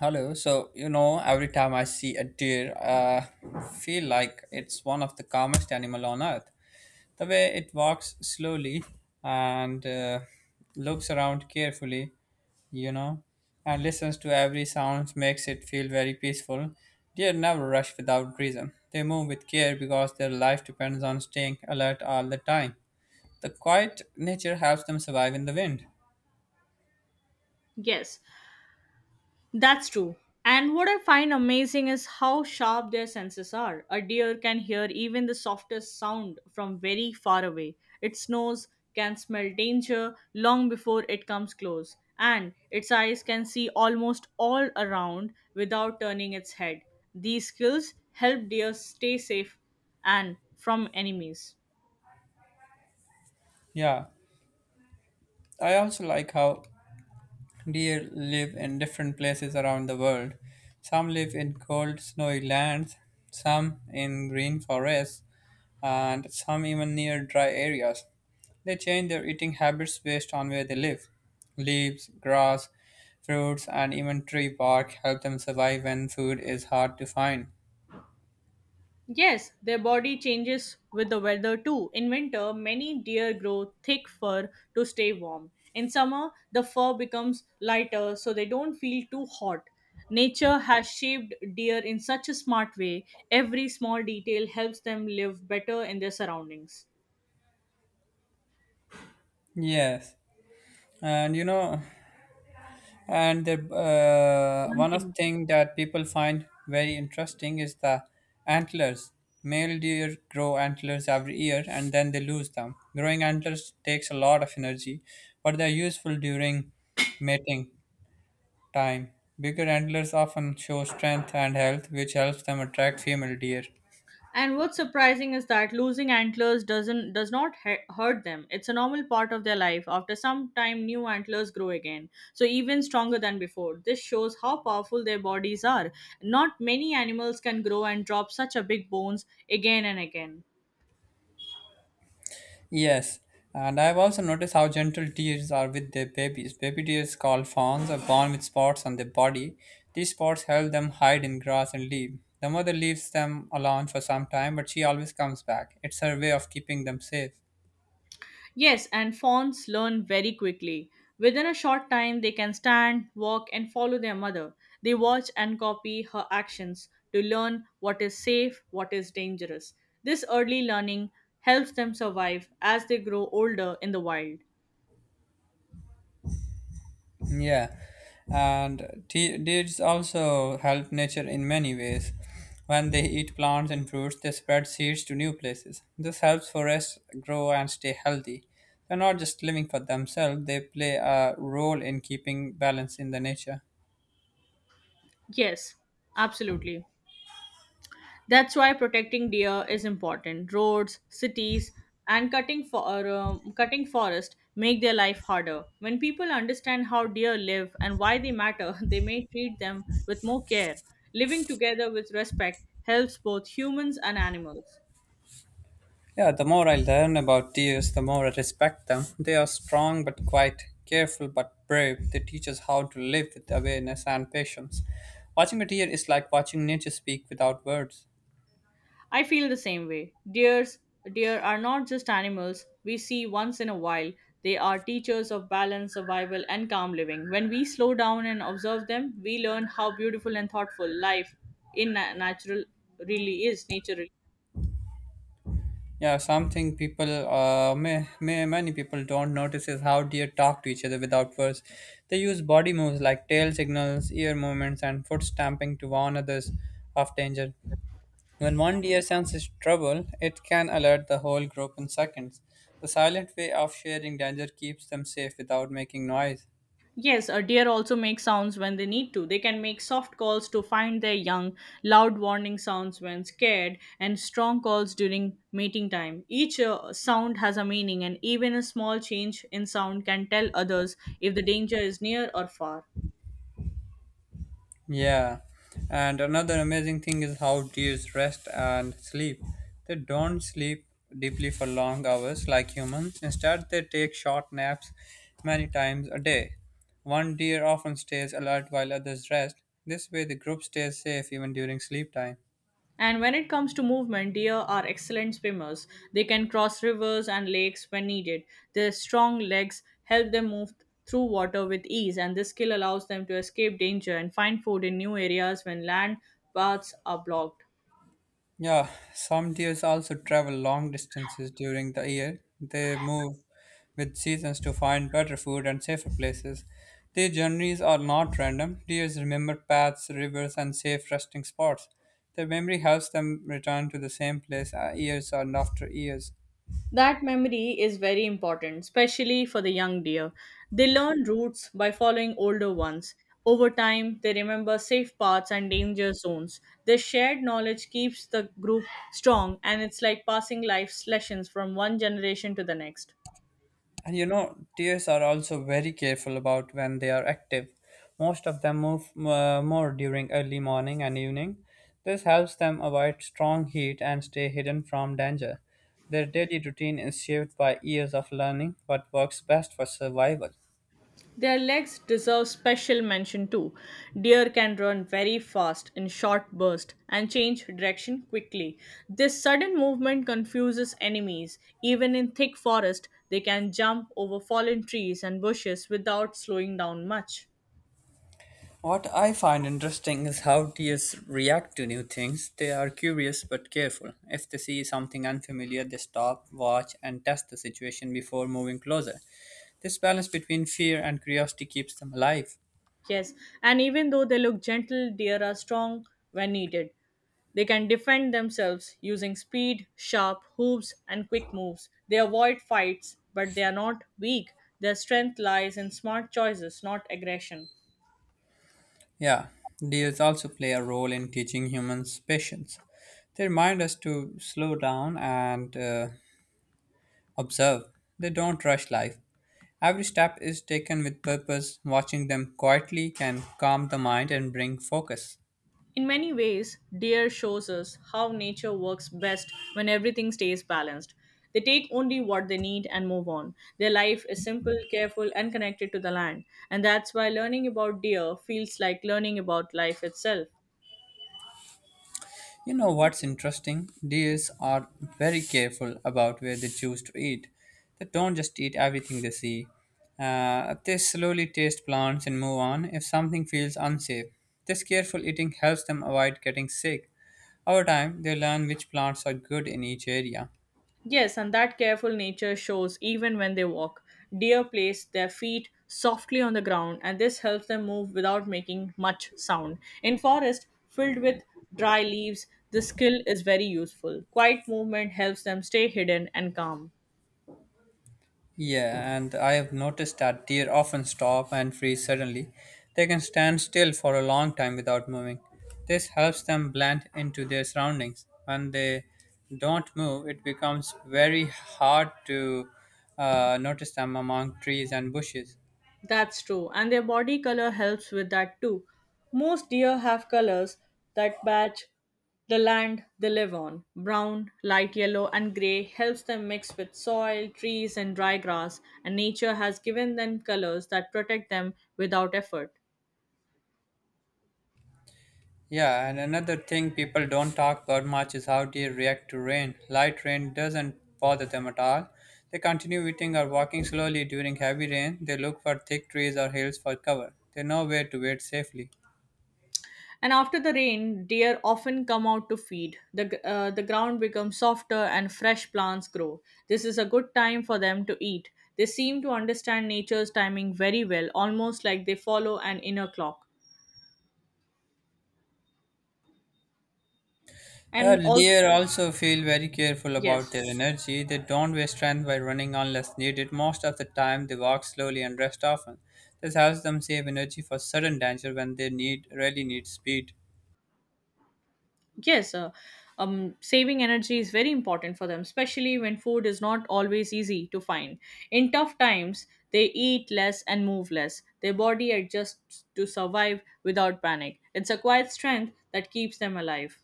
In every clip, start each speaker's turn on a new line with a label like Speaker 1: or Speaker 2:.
Speaker 1: Hello. Every time I see a deer, feel like it's one of the calmest animal on earth. The way it walks slowly and looks around carefully, you know, and listens to every sound makes it feel very peaceful. Deer never rush without reason. They move with care because their life depends on staying alert all the time. The quiet nature helps them survive in the wind.
Speaker 2: Yes, that's true. And what I find amazing is how sharp their senses are. A deer can hear even the softest sound from very far away. Its nose can smell danger long before it comes close, and its eyes can see almost all around without turning its head. These skills help deer stay safe and from enemies.
Speaker 1: Yeah. I also like how deer live in different places around the world. Some live in cold, snowy lands, some in green forests, and some even near dry areas. They change their eating habits based on where they live. Leaves, grass, fruits, and even tree bark help them survive when food is hard to find.
Speaker 2: Yes, their body changes with the weather too. In winter, many deer grow thick fur to stay warm. In summer, the fur becomes lighter so they don't feel too hot. Nature has shaped deer in such a smart way, every small detail helps them live better in their surroundings.
Speaker 1: Yes, and you know, and
Speaker 2: One
Speaker 1: one of
Speaker 2: thing.
Speaker 1: thing that people find very interesting is the antlers. Male deer grow antlers every year and then they lose them. Growing antlers takes a lot of energy, but they're useful during mating time. Bigger antlers often show strength and health, which helps them attract female deer.
Speaker 2: And what's surprising is that losing antlers does not hurt them. It's a normal part of their life. After some time, new antlers grow again, so even stronger than before. This shows how powerful their bodies are. Not many animals can grow and drop such a big bones again and again.
Speaker 1: Yes, and I've also noticed how gentle deers are with their babies. Baby deers called fawns are born with spots on their body. These spots help them hide in grass and leave. The mother leaves them alone for some time, but she always comes back. It's her way of keeping them safe.
Speaker 2: Yes, and fawns learn very quickly. Within a short time, they can stand, walk, and follow their mother. They watch and copy her actions to learn what is safe, what is dangerous. This early learning helps them survive as they grow older in the wild.
Speaker 1: Yeah, and deeds also help nature in many ways. When they eat plants and fruits, they spread seeds to new places. This helps forests grow and stay healthy. They're not just living for themselves, they play a role in keeping balance in the nature.
Speaker 2: Yes, absolutely. That's why protecting deer is important. Roads, cities, and cutting forest make their life harder. When people understand how deer live and why they matter, they may treat them with more care. Living together with respect helps both humans and animals.
Speaker 1: Yeah, the more I learn about deers, the more I respect them. They are strong but quite careful, but brave. They teach us how to live with awareness and patience. Watching a deer is like watching nature speak without words.
Speaker 2: I feel the same way. Deer are not just animals we see once in a while. They are teachers of balance, survival, and calm living. When we slow down and observe them, we learn how beautiful and thoughtful life in natural really is. Nature really.
Speaker 1: Yeah, something people, may many people don't notice is how deer talk to each other without words. They use body moves like tail signals, ear movements, and foot stamping to warn others of danger. When one deer senses trouble, it can alert the whole group in seconds. The silent way of sharing danger keeps them safe without making noise.
Speaker 2: Yes, a deer also make sounds when they need to. They can make soft calls to find their young, loud warning sounds when scared, and strong calls during mating time. Each sound has a meaning, and even a small change in sound can tell others if the danger is near or far.
Speaker 1: Yeah, and another amazing thing is how deer rest and sleep. They don't sleep deeply for long hours like humans. Instead, they take short naps many times a day. One deer often stays alert while others rest. This way, the group stays safe even during sleep time.
Speaker 2: And when it comes to movement, deer are excellent swimmers. They can cross rivers and lakes when needed. Their strong legs help them move through water with ease, and this skill allows them to escape danger and find food in new areas when land paths are blocked.
Speaker 1: Yeah, some deers also travel long distances during the year. They move with seasons to find better food and safer places. Their journeys are not random. Deers remember paths, rivers, and safe resting spots. Their memory helps them return to the same place years and after years.
Speaker 2: That memory is very important, especially for the young deer. They learn routes by following older ones. Over time, they remember safe paths and danger zones. This shared knowledge keeps the group strong, and it's like passing life lessons from one generation to the next.
Speaker 1: And you know, deers are also very careful about when they are active. Most of them move more during early morning and evening. This helps them avoid strong heat and stay hidden from danger. Their daily routine is shaped by years of learning what works best for survival.
Speaker 2: Their legs deserve special mention too. Deer can run very fast in short bursts and change direction quickly. This sudden movement confuses enemies. Even in thick forest, they can jump over fallen trees and bushes without slowing down much.
Speaker 1: What I find interesting is how deers react to new things. They are curious but careful. If they see something unfamiliar, they stop, watch, and test the situation before moving closer. This balance between fear and curiosity keeps them alive.
Speaker 2: Yes, and even though they look gentle, deer are strong when needed. They can defend themselves using speed, sharp hooves, and quick moves. They avoid fights, but they are not weak. Their strength lies in smart choices, not aggression.
Speaker 1: Yeah, deers also play a role in teaching humans patience. They remind us to slow down and observe. They don't rush life. Every step is taken with purpose. Watching them quietly can calm the mind and bring focus.
Speaker 2: In many ways, deer shows us how nature works best when everything stays balanced. They take only what they need and move on. Their life is simple, careful, and connected to the land. And that's why learning about deer feels like learning about life itself.
Speaker 1: You know what's interesting? Deers are very careful about where they choose to eat. They don't just eat everything they see. They slowly taste plants and move on if something feels unsafe. This careful eating helps them avoid getting sick. Over time, they learn which plants are good in each area.
Speaker 2: Yes, and that careful nature shows even when they walk. Deer place their feet softly on the ground, and this helps them move without making much sound. In forest filled with dry leaves, this skill is very useful. Quiet movement helps them stay hidden and calm.
Speaker 1: Yeah, and I have noticed that deer often stop and freeze suddenly. They can stand still for a long time without moving. This helps them blend into their surroundings. When they don't move, it becomes very hard to notice them among trees and bushes.
Speaker 2: That's true, and their body color helps with that too. Most deer have colors that match the land they live on. Brown, light yellow, and gray helps them mix with soil, trees, and dry grass, and nature has given them colors that protect them without effort.
Speaker 1: Yeah, and another thing people don't talk about much is how they react to rain. Light rain doesn't bother them at all. They continue eating or walking slowly during heavy rain. They look for thick trees or hills for cover. They know where to wait safely.
Speaker 2: And after the rain, deer often come out to feed. The ground becomes softer and fresh plants grow. This is a good time for them to eat. They seem to understand nature's timing very well, almost like they follow an inner clock. And all,
Speaker 1: Deer also feel very careful about
Speaker 2: yes.
Speaker 1: their energy. They don't waste strength by running unless needed. Most of the time, they walk slowly and rest often. This helps them save energy for sudden danger when they need really need speed.
Speaker 2: Yes, uh, Saving energy is very important for them, especially when food is not always easy to find. In tough times, they eat less and move less. Their body adjusts to survive without panic. It's a quiet strength that keeps them alive.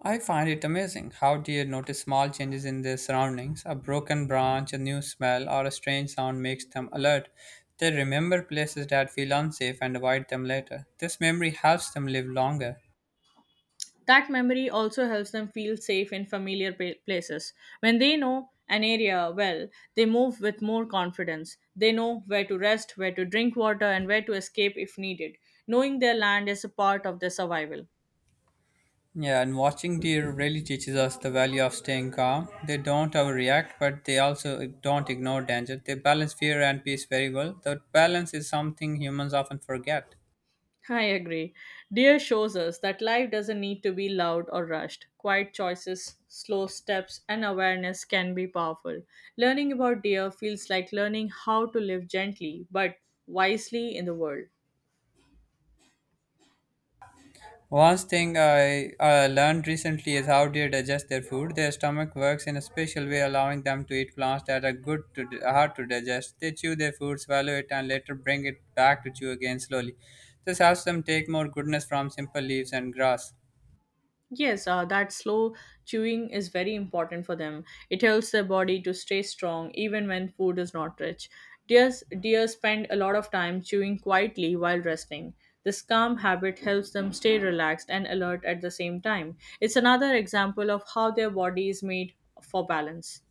Speaker 1: I find it amazing how deer notice small changes in their surroundings. A broken branch, a new smell, or a strange sound makes them alert. They remember places that feel unsafe and avoid them later. This memory helps them live longer.
Speaker 2: That memory also helps them feel safe in familiar places. When they know an area well, they move with more confidence. They know where to rest, where to drink water, and where to escape if needed. Knowing their land is a part of their survival.
Speaker 1: Yeah, and watching deer really teaches us the value of staying calm. They don't overreact, but they also don't ignore danger. They balance fear and peace very well. That balance is something humans often forget.
Speaker 2: I agree. Deer shows us that life doesn't need to be loud or rushed. Quiet choices, slow steps, and awareness can be powerful. Learning about deer feels like learning how to live gently but wisely in the world.
Speaker 1: One thing I learned recently is how deer digest their food. Their stomach works in a special way, allowing them to eat plants that are good to hard to digest. They chew their food, swallow it, and later bring it back to chew again slowly. This helps them take more goodness from simple leaves and grass.
Speaker 2: Yes, that slow chewing is very important for them. It helps their body to stay strong even when food is not rich. Deer spend a lot of time chewing quietly while resting. This calm habit helps them stay relaxed and alert at the same time. It's another example of how their body is made for balance.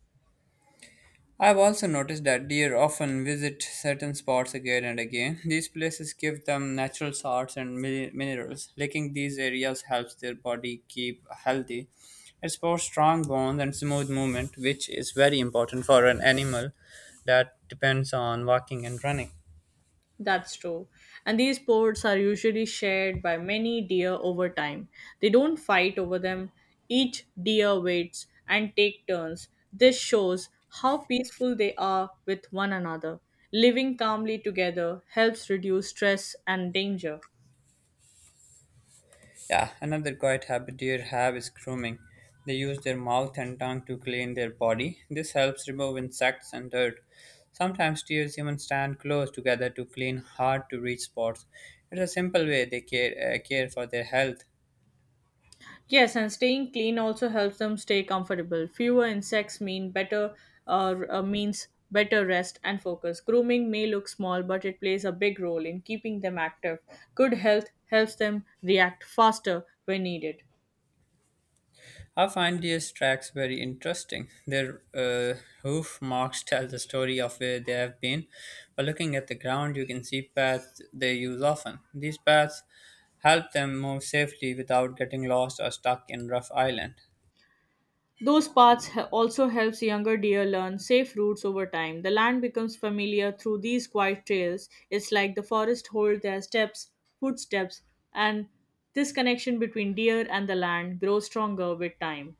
Speaker 1: I've also noticed that deer often visit certain spots again and again. These places give them natural salts and minerals. Licking these areas helps their body keep healthy. It supports strong bones and smooth movement, which is very important for an animal that depends on walking and running.
Speaker 2: That's true. And these ports are usually shared by many deer over time. They don't fight over them. Each deer waits and take turns. This shows how peaceful they are with one another. Living calmly together helps reduce stress and danger.
Speaker 1: Yeah, another quiet habit deer have is grooming. They use their mouth and tongue to clean their body. This helps remove insects and dirt. Sometimes deer even stand close together to clean hard to reach spots. It's a simple way they care for their health.
Speaker 2: Yes, and staying clean also helps them stay comfortable. Fewer insects mean better means better rest and focus. Grooming may look small, but it plays a big role in keeping them active. Good health helps them react faster when needed.
Speaker 1: I find these tracks very interesting. Their hoof marks tell the story of where they have been. By looking at the ground, you can see paths they use often. These paths help them move safely without getting lost or stuck in rough island.
Speaker 2: Those paths also helps younger deer learn safe routes over time. The land becomes familiar through these quiet trails. It's like the forest holds their steps, footsteps, and this connection between deer and the land grows stronger with time.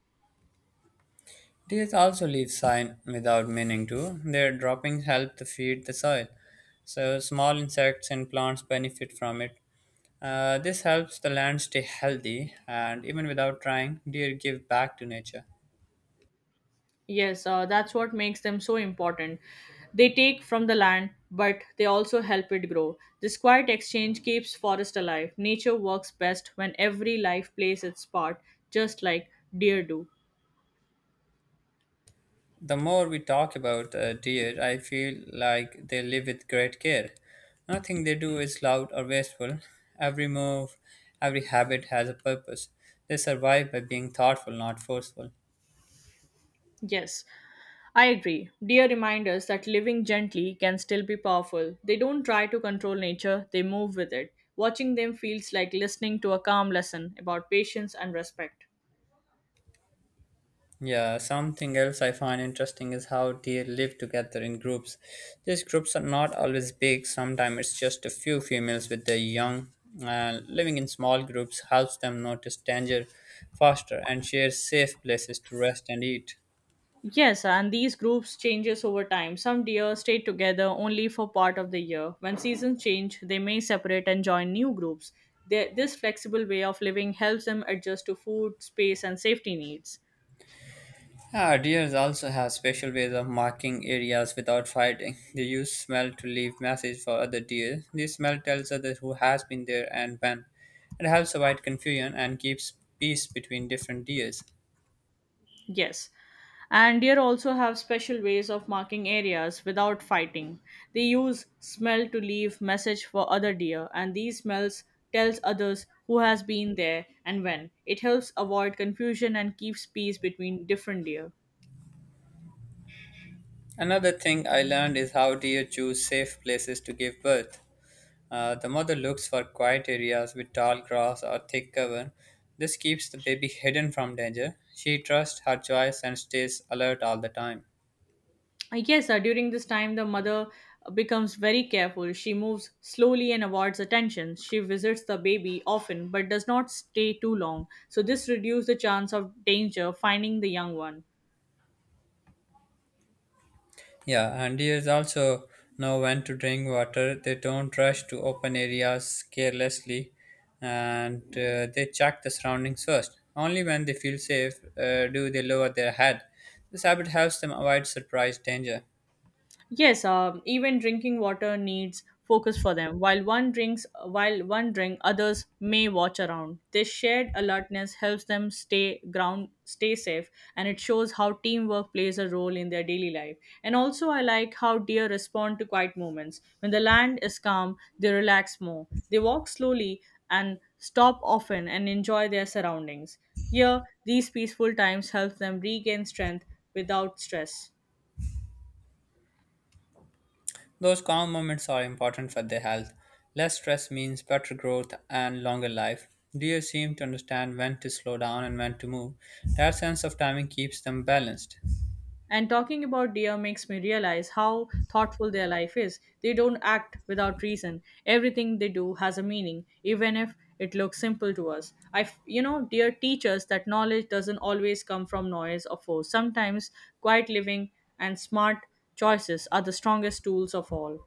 Speaker 1: These also leave sign without meaning to. Their droppings help to feed the soil, so small insects and plants benefit from it. This helps the land stay healthy, and even without trying, deer give back to nature.
Speaker 2: Yes, that's what makes them so important. They take from the land, but they also help it grow. This quiet exchange keeps forest alive. Nature works best when every life plays its part, just like deer do.
Speaker 1: The more we talk about deer, I feel like they live with great care. Nothing they do is loud or wasteful. Every move, every habit has a purpose. They survive by being thoughtful, not forceful.
Speaker 2: Yes, I agree. Deer remind us that living gently can still be powerful. They don't try to control nature, they move with it. Watching them feels like listening to a calm lesson about patience and respect.
Speaker 1: Yeah, something else I find interesting is how deer live together in groups. These groups are not always big, sometimes it's just a few females with their young. Living in small groups helps them notice danger faster and share safe places to rest and eat.
Speaker 2: Yes, and these groups changes over time. Some deer stay together only for part of the year. When seasons change, they may separate and join new groups. They, this flexible way of living helps them adjust to food, space, and safety needs.
Speaker 1: Ah, deers also have special ways of marking areas without fighting. They use smell to leave message for other deer. This smell tells others who has been there and when. It helps avoid confusion and keeps peace between different deers.
Speaker 2: Yes. And deer also have special ways of marking areas without fighting. They use smell to leave message for other deer, and these smells tells others who has been there and when. It helps avoid confusion and keeps peace between different deer.
Speaker 1: Another thing I learned is how deer choose safe places to give birth. The mother looks for quiet areas with tall grass or thick cover. This keeps the baby hidden from danger. She trusts her choice and stays alert all the time.
Speaker 2: Yes, during this time, the mother becomes very careful. She moves slowly and avoids attention. She visits the baby often but does not stay too long. So, this reduces the chance of danger finding the young one.
Speaker 1: Yeah, and deers also know when to drink water. They don't rush to open areas carelessly and they check the surroundings first. Only when they feel safe do they lower their head. This habit helps them avoid surprise danger.
Speaker 2: Yes, even drinking water needs focus for them. While one drink, others may watch around. This shared alertness helps them stay ground, stay safe, and it shows how teamwork plays a role in their daily life. And also, I like how deer respond to quiet moments. When the land is calm, they relax more. They walk slowly and stop often and enjoy their surroundings. Here, these peaceful times help them regain strength without stress.
Speaker 1: Those calm moments are important for their health. Less stress means better growth and longer life. Deer seem to understand when to slow down and when to move. That sense of timing keeps them balanced.
Speaker 2: And talking about deer makes me realize how thoughtful their life is. They don't act without reason. Everything they do has a meaning, even if it looks simple to us. I, f- you know, Deer teach us that knowledge doesn't always come from noise or force. Sometimes quiet living and smart choices are the strongest tools of all.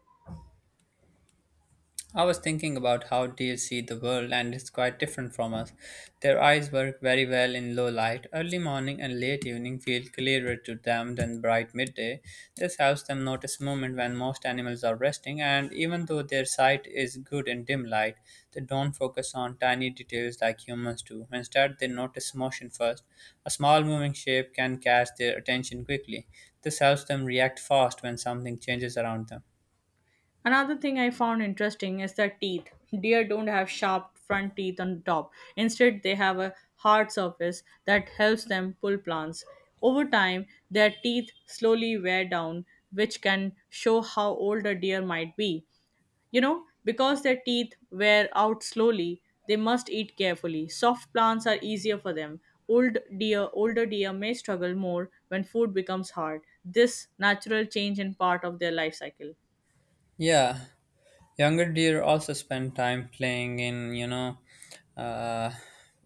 Speaker 1: I was thinking about how deer see the world, and it's quite different from us. Their eyes work very well in low light. Early morning and late evening feel clearer to them than bright midday. This helps them notice movement when most animals are resting, and even though their sight is good in dim light, they don't focus on tiny details like humans do. Instead, they notice motion first. A small moving shape can catch their attention quickly. This helps them react fast when something changes around them.
Speaker 2: Another thing I found interesting is their teeth. Deer don't have sharp front teeth on top. Instead, they have a hard surface that helps them pull plants. Over time, their teeth slowly wear down, which can show how old a deer might be. You know, because their teeth wear out slowly, they must eat carefully. Soft plants are easier for them. Older deer may struggle more when food becomes hard. This natural change in part of their life cycle.
Speaker 1: Yeah, younger deer also spend time playing in, you know, uh,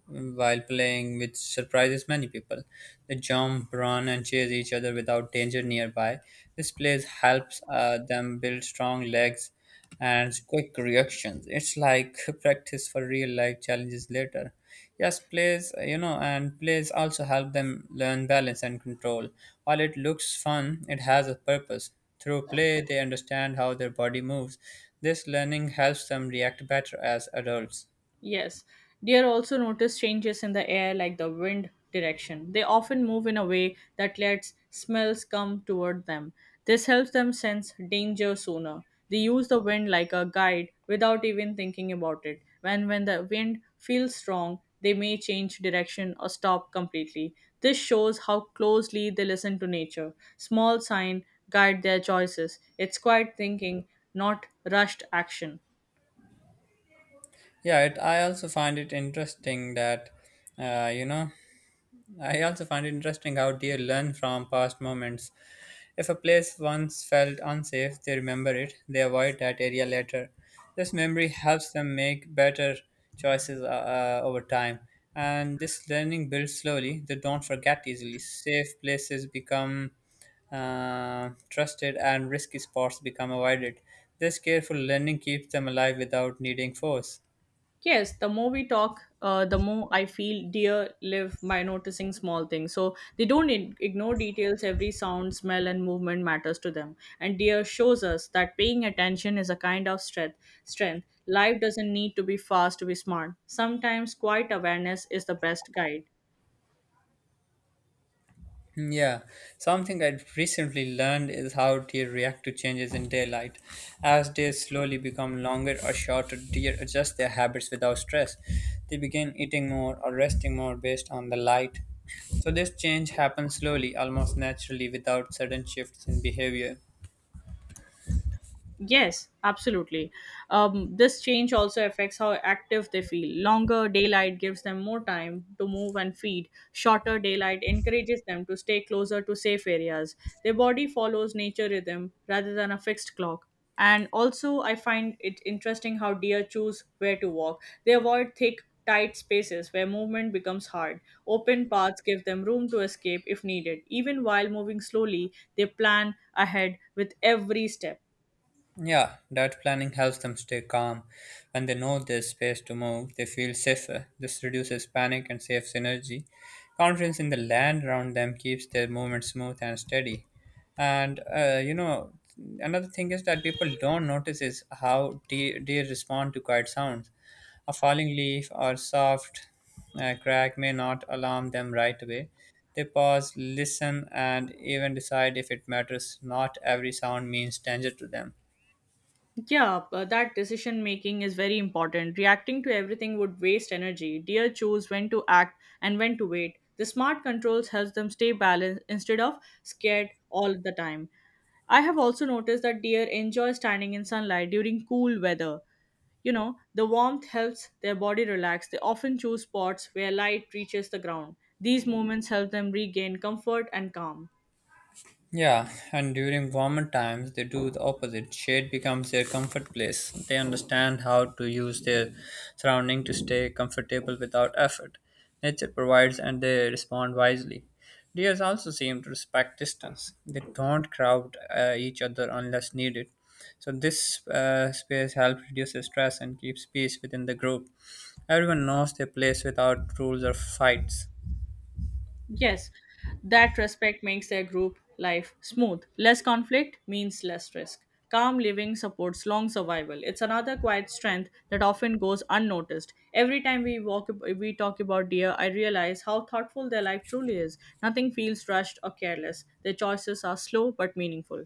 Speaker 1: while playing, which surprises many people. They jump, run, and chase each other without danger nearby. This play helps them build strong legs and quick reactions. It's like practice for real life challenges later. Yes, plays, you know, and plays also help them learn balance and control. While it looks fun, it has a purpose. Through play, they understand how their body moves. This learning helps them react better as adults.
Speaker 2: Yes, deer also notice changes in the air like the wind direction. They often move in a way that lets smells come toward them. This helps them sense danger sooner. They use the wind like a guide without even thinking about it. When the wind feels strong, they may change direction or stop completely. This shows how closely they listen to nature. Small sign guide their choices. It's quiet thinking, not rushed action.
Speaker 1: Yeah, I also find it interesting uh, you know, I also find it interesting how deer learn from past moments. If a place once felt unsafe, they remember it, they avoid that area later. This memory helps them make better choices over time. And this learning builds slowly, they don't forget easily. Safe places become trusted and risky spots become avoided. This careful learning keeps them alive without needing force.
Speaker 2: Yes, the more I feel deer live by noticing small things. So they don't ignore details. Every sound, smell, and movement matters to them. And deer shows us that paying attention is a kind of strength. Strength. Life doesn't need to be fast to be smart. Sometimes quiet awareness is the best guide.
Speaker 1: Yeah, something I have recently learned is how deer react to changes in daylight. As days slowly become longer or shorter, deer adjust their habits without stress. They begin eating more or resting more based on the light. So, this change happens slowly, almost naturally, without sudden shifts in behavior.
Speaker 2: Yes, absolutely. This change also affects how active they feel. Longer daylight gives them more time to move and feed. Shorter daylight encourages them to stay closer to safe areas. Their body follows nature rhythm rather than a fixed clock. And also, I find it interesting how deer choose where to walk. They avoid thick, tight spaces where movement becomes hard. Open paths give them room to escape if needed. Even while moving slowly, they plan ahead with every step.
Speaker 1: Yeah, that planning helps them stay calm. When they know there's space to move, they feel safer. This reduces panic and saves energy. Confidence in the land around them keeps their movement smooth and steady. And another thing is that people don't notice is how deer respond to quiet sounds. A falling leaf or soft crack may not alarm them right away. They pause, listen, and even decide if it matters. Not every sound means danger to them.
Speaker 2: Yeah, but that decision making is very important. Reacting to everything would waste energy. Deer choose when to act and when to wait. The smart controls helps them stay balanced instead of scared all the time. I have also noticed that deer enjoy standing in sunlight during cool weather. You know, the warmth helps their body relax. They often choose spots where light reaches the ground. These moments help them regain comfort and calm.
Speaker 1: Yeah, and during warmer times, they do the opposite. Shade becomes their comfort place. They understand how to use their surrounding to stay comfortable without effort. Nature provides and they respond wisely. Deers also seem to respect distance. They don't crowd each other unless needed. So, this space helps reduce the stress and keeps peace within the group. Everyone knows their place without rules or fights.
Speaker 2: Yes, that respect makes their group life smooth. Less conflict means less risk. Calm living supports long survival. It's another quiet strength that often goes unnoticed. Every time we walk, we talk about deer, I realize how thoughtful their life truly is. Nothing feels rushed or careless. Their choices are slow but meaningful.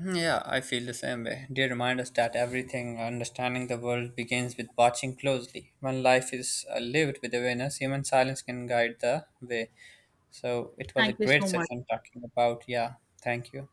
Speaker 1: Yeah, I feel the same way. They remind us that everything, understanding the world, begins with watching closely. When life is lived with awareness, human silence can guide the way. So it was a
Speaker 2: Thank you
Speaker 1: great
Speaker 2: so much.
Speaker 1: session talking about. Yeah, thank you.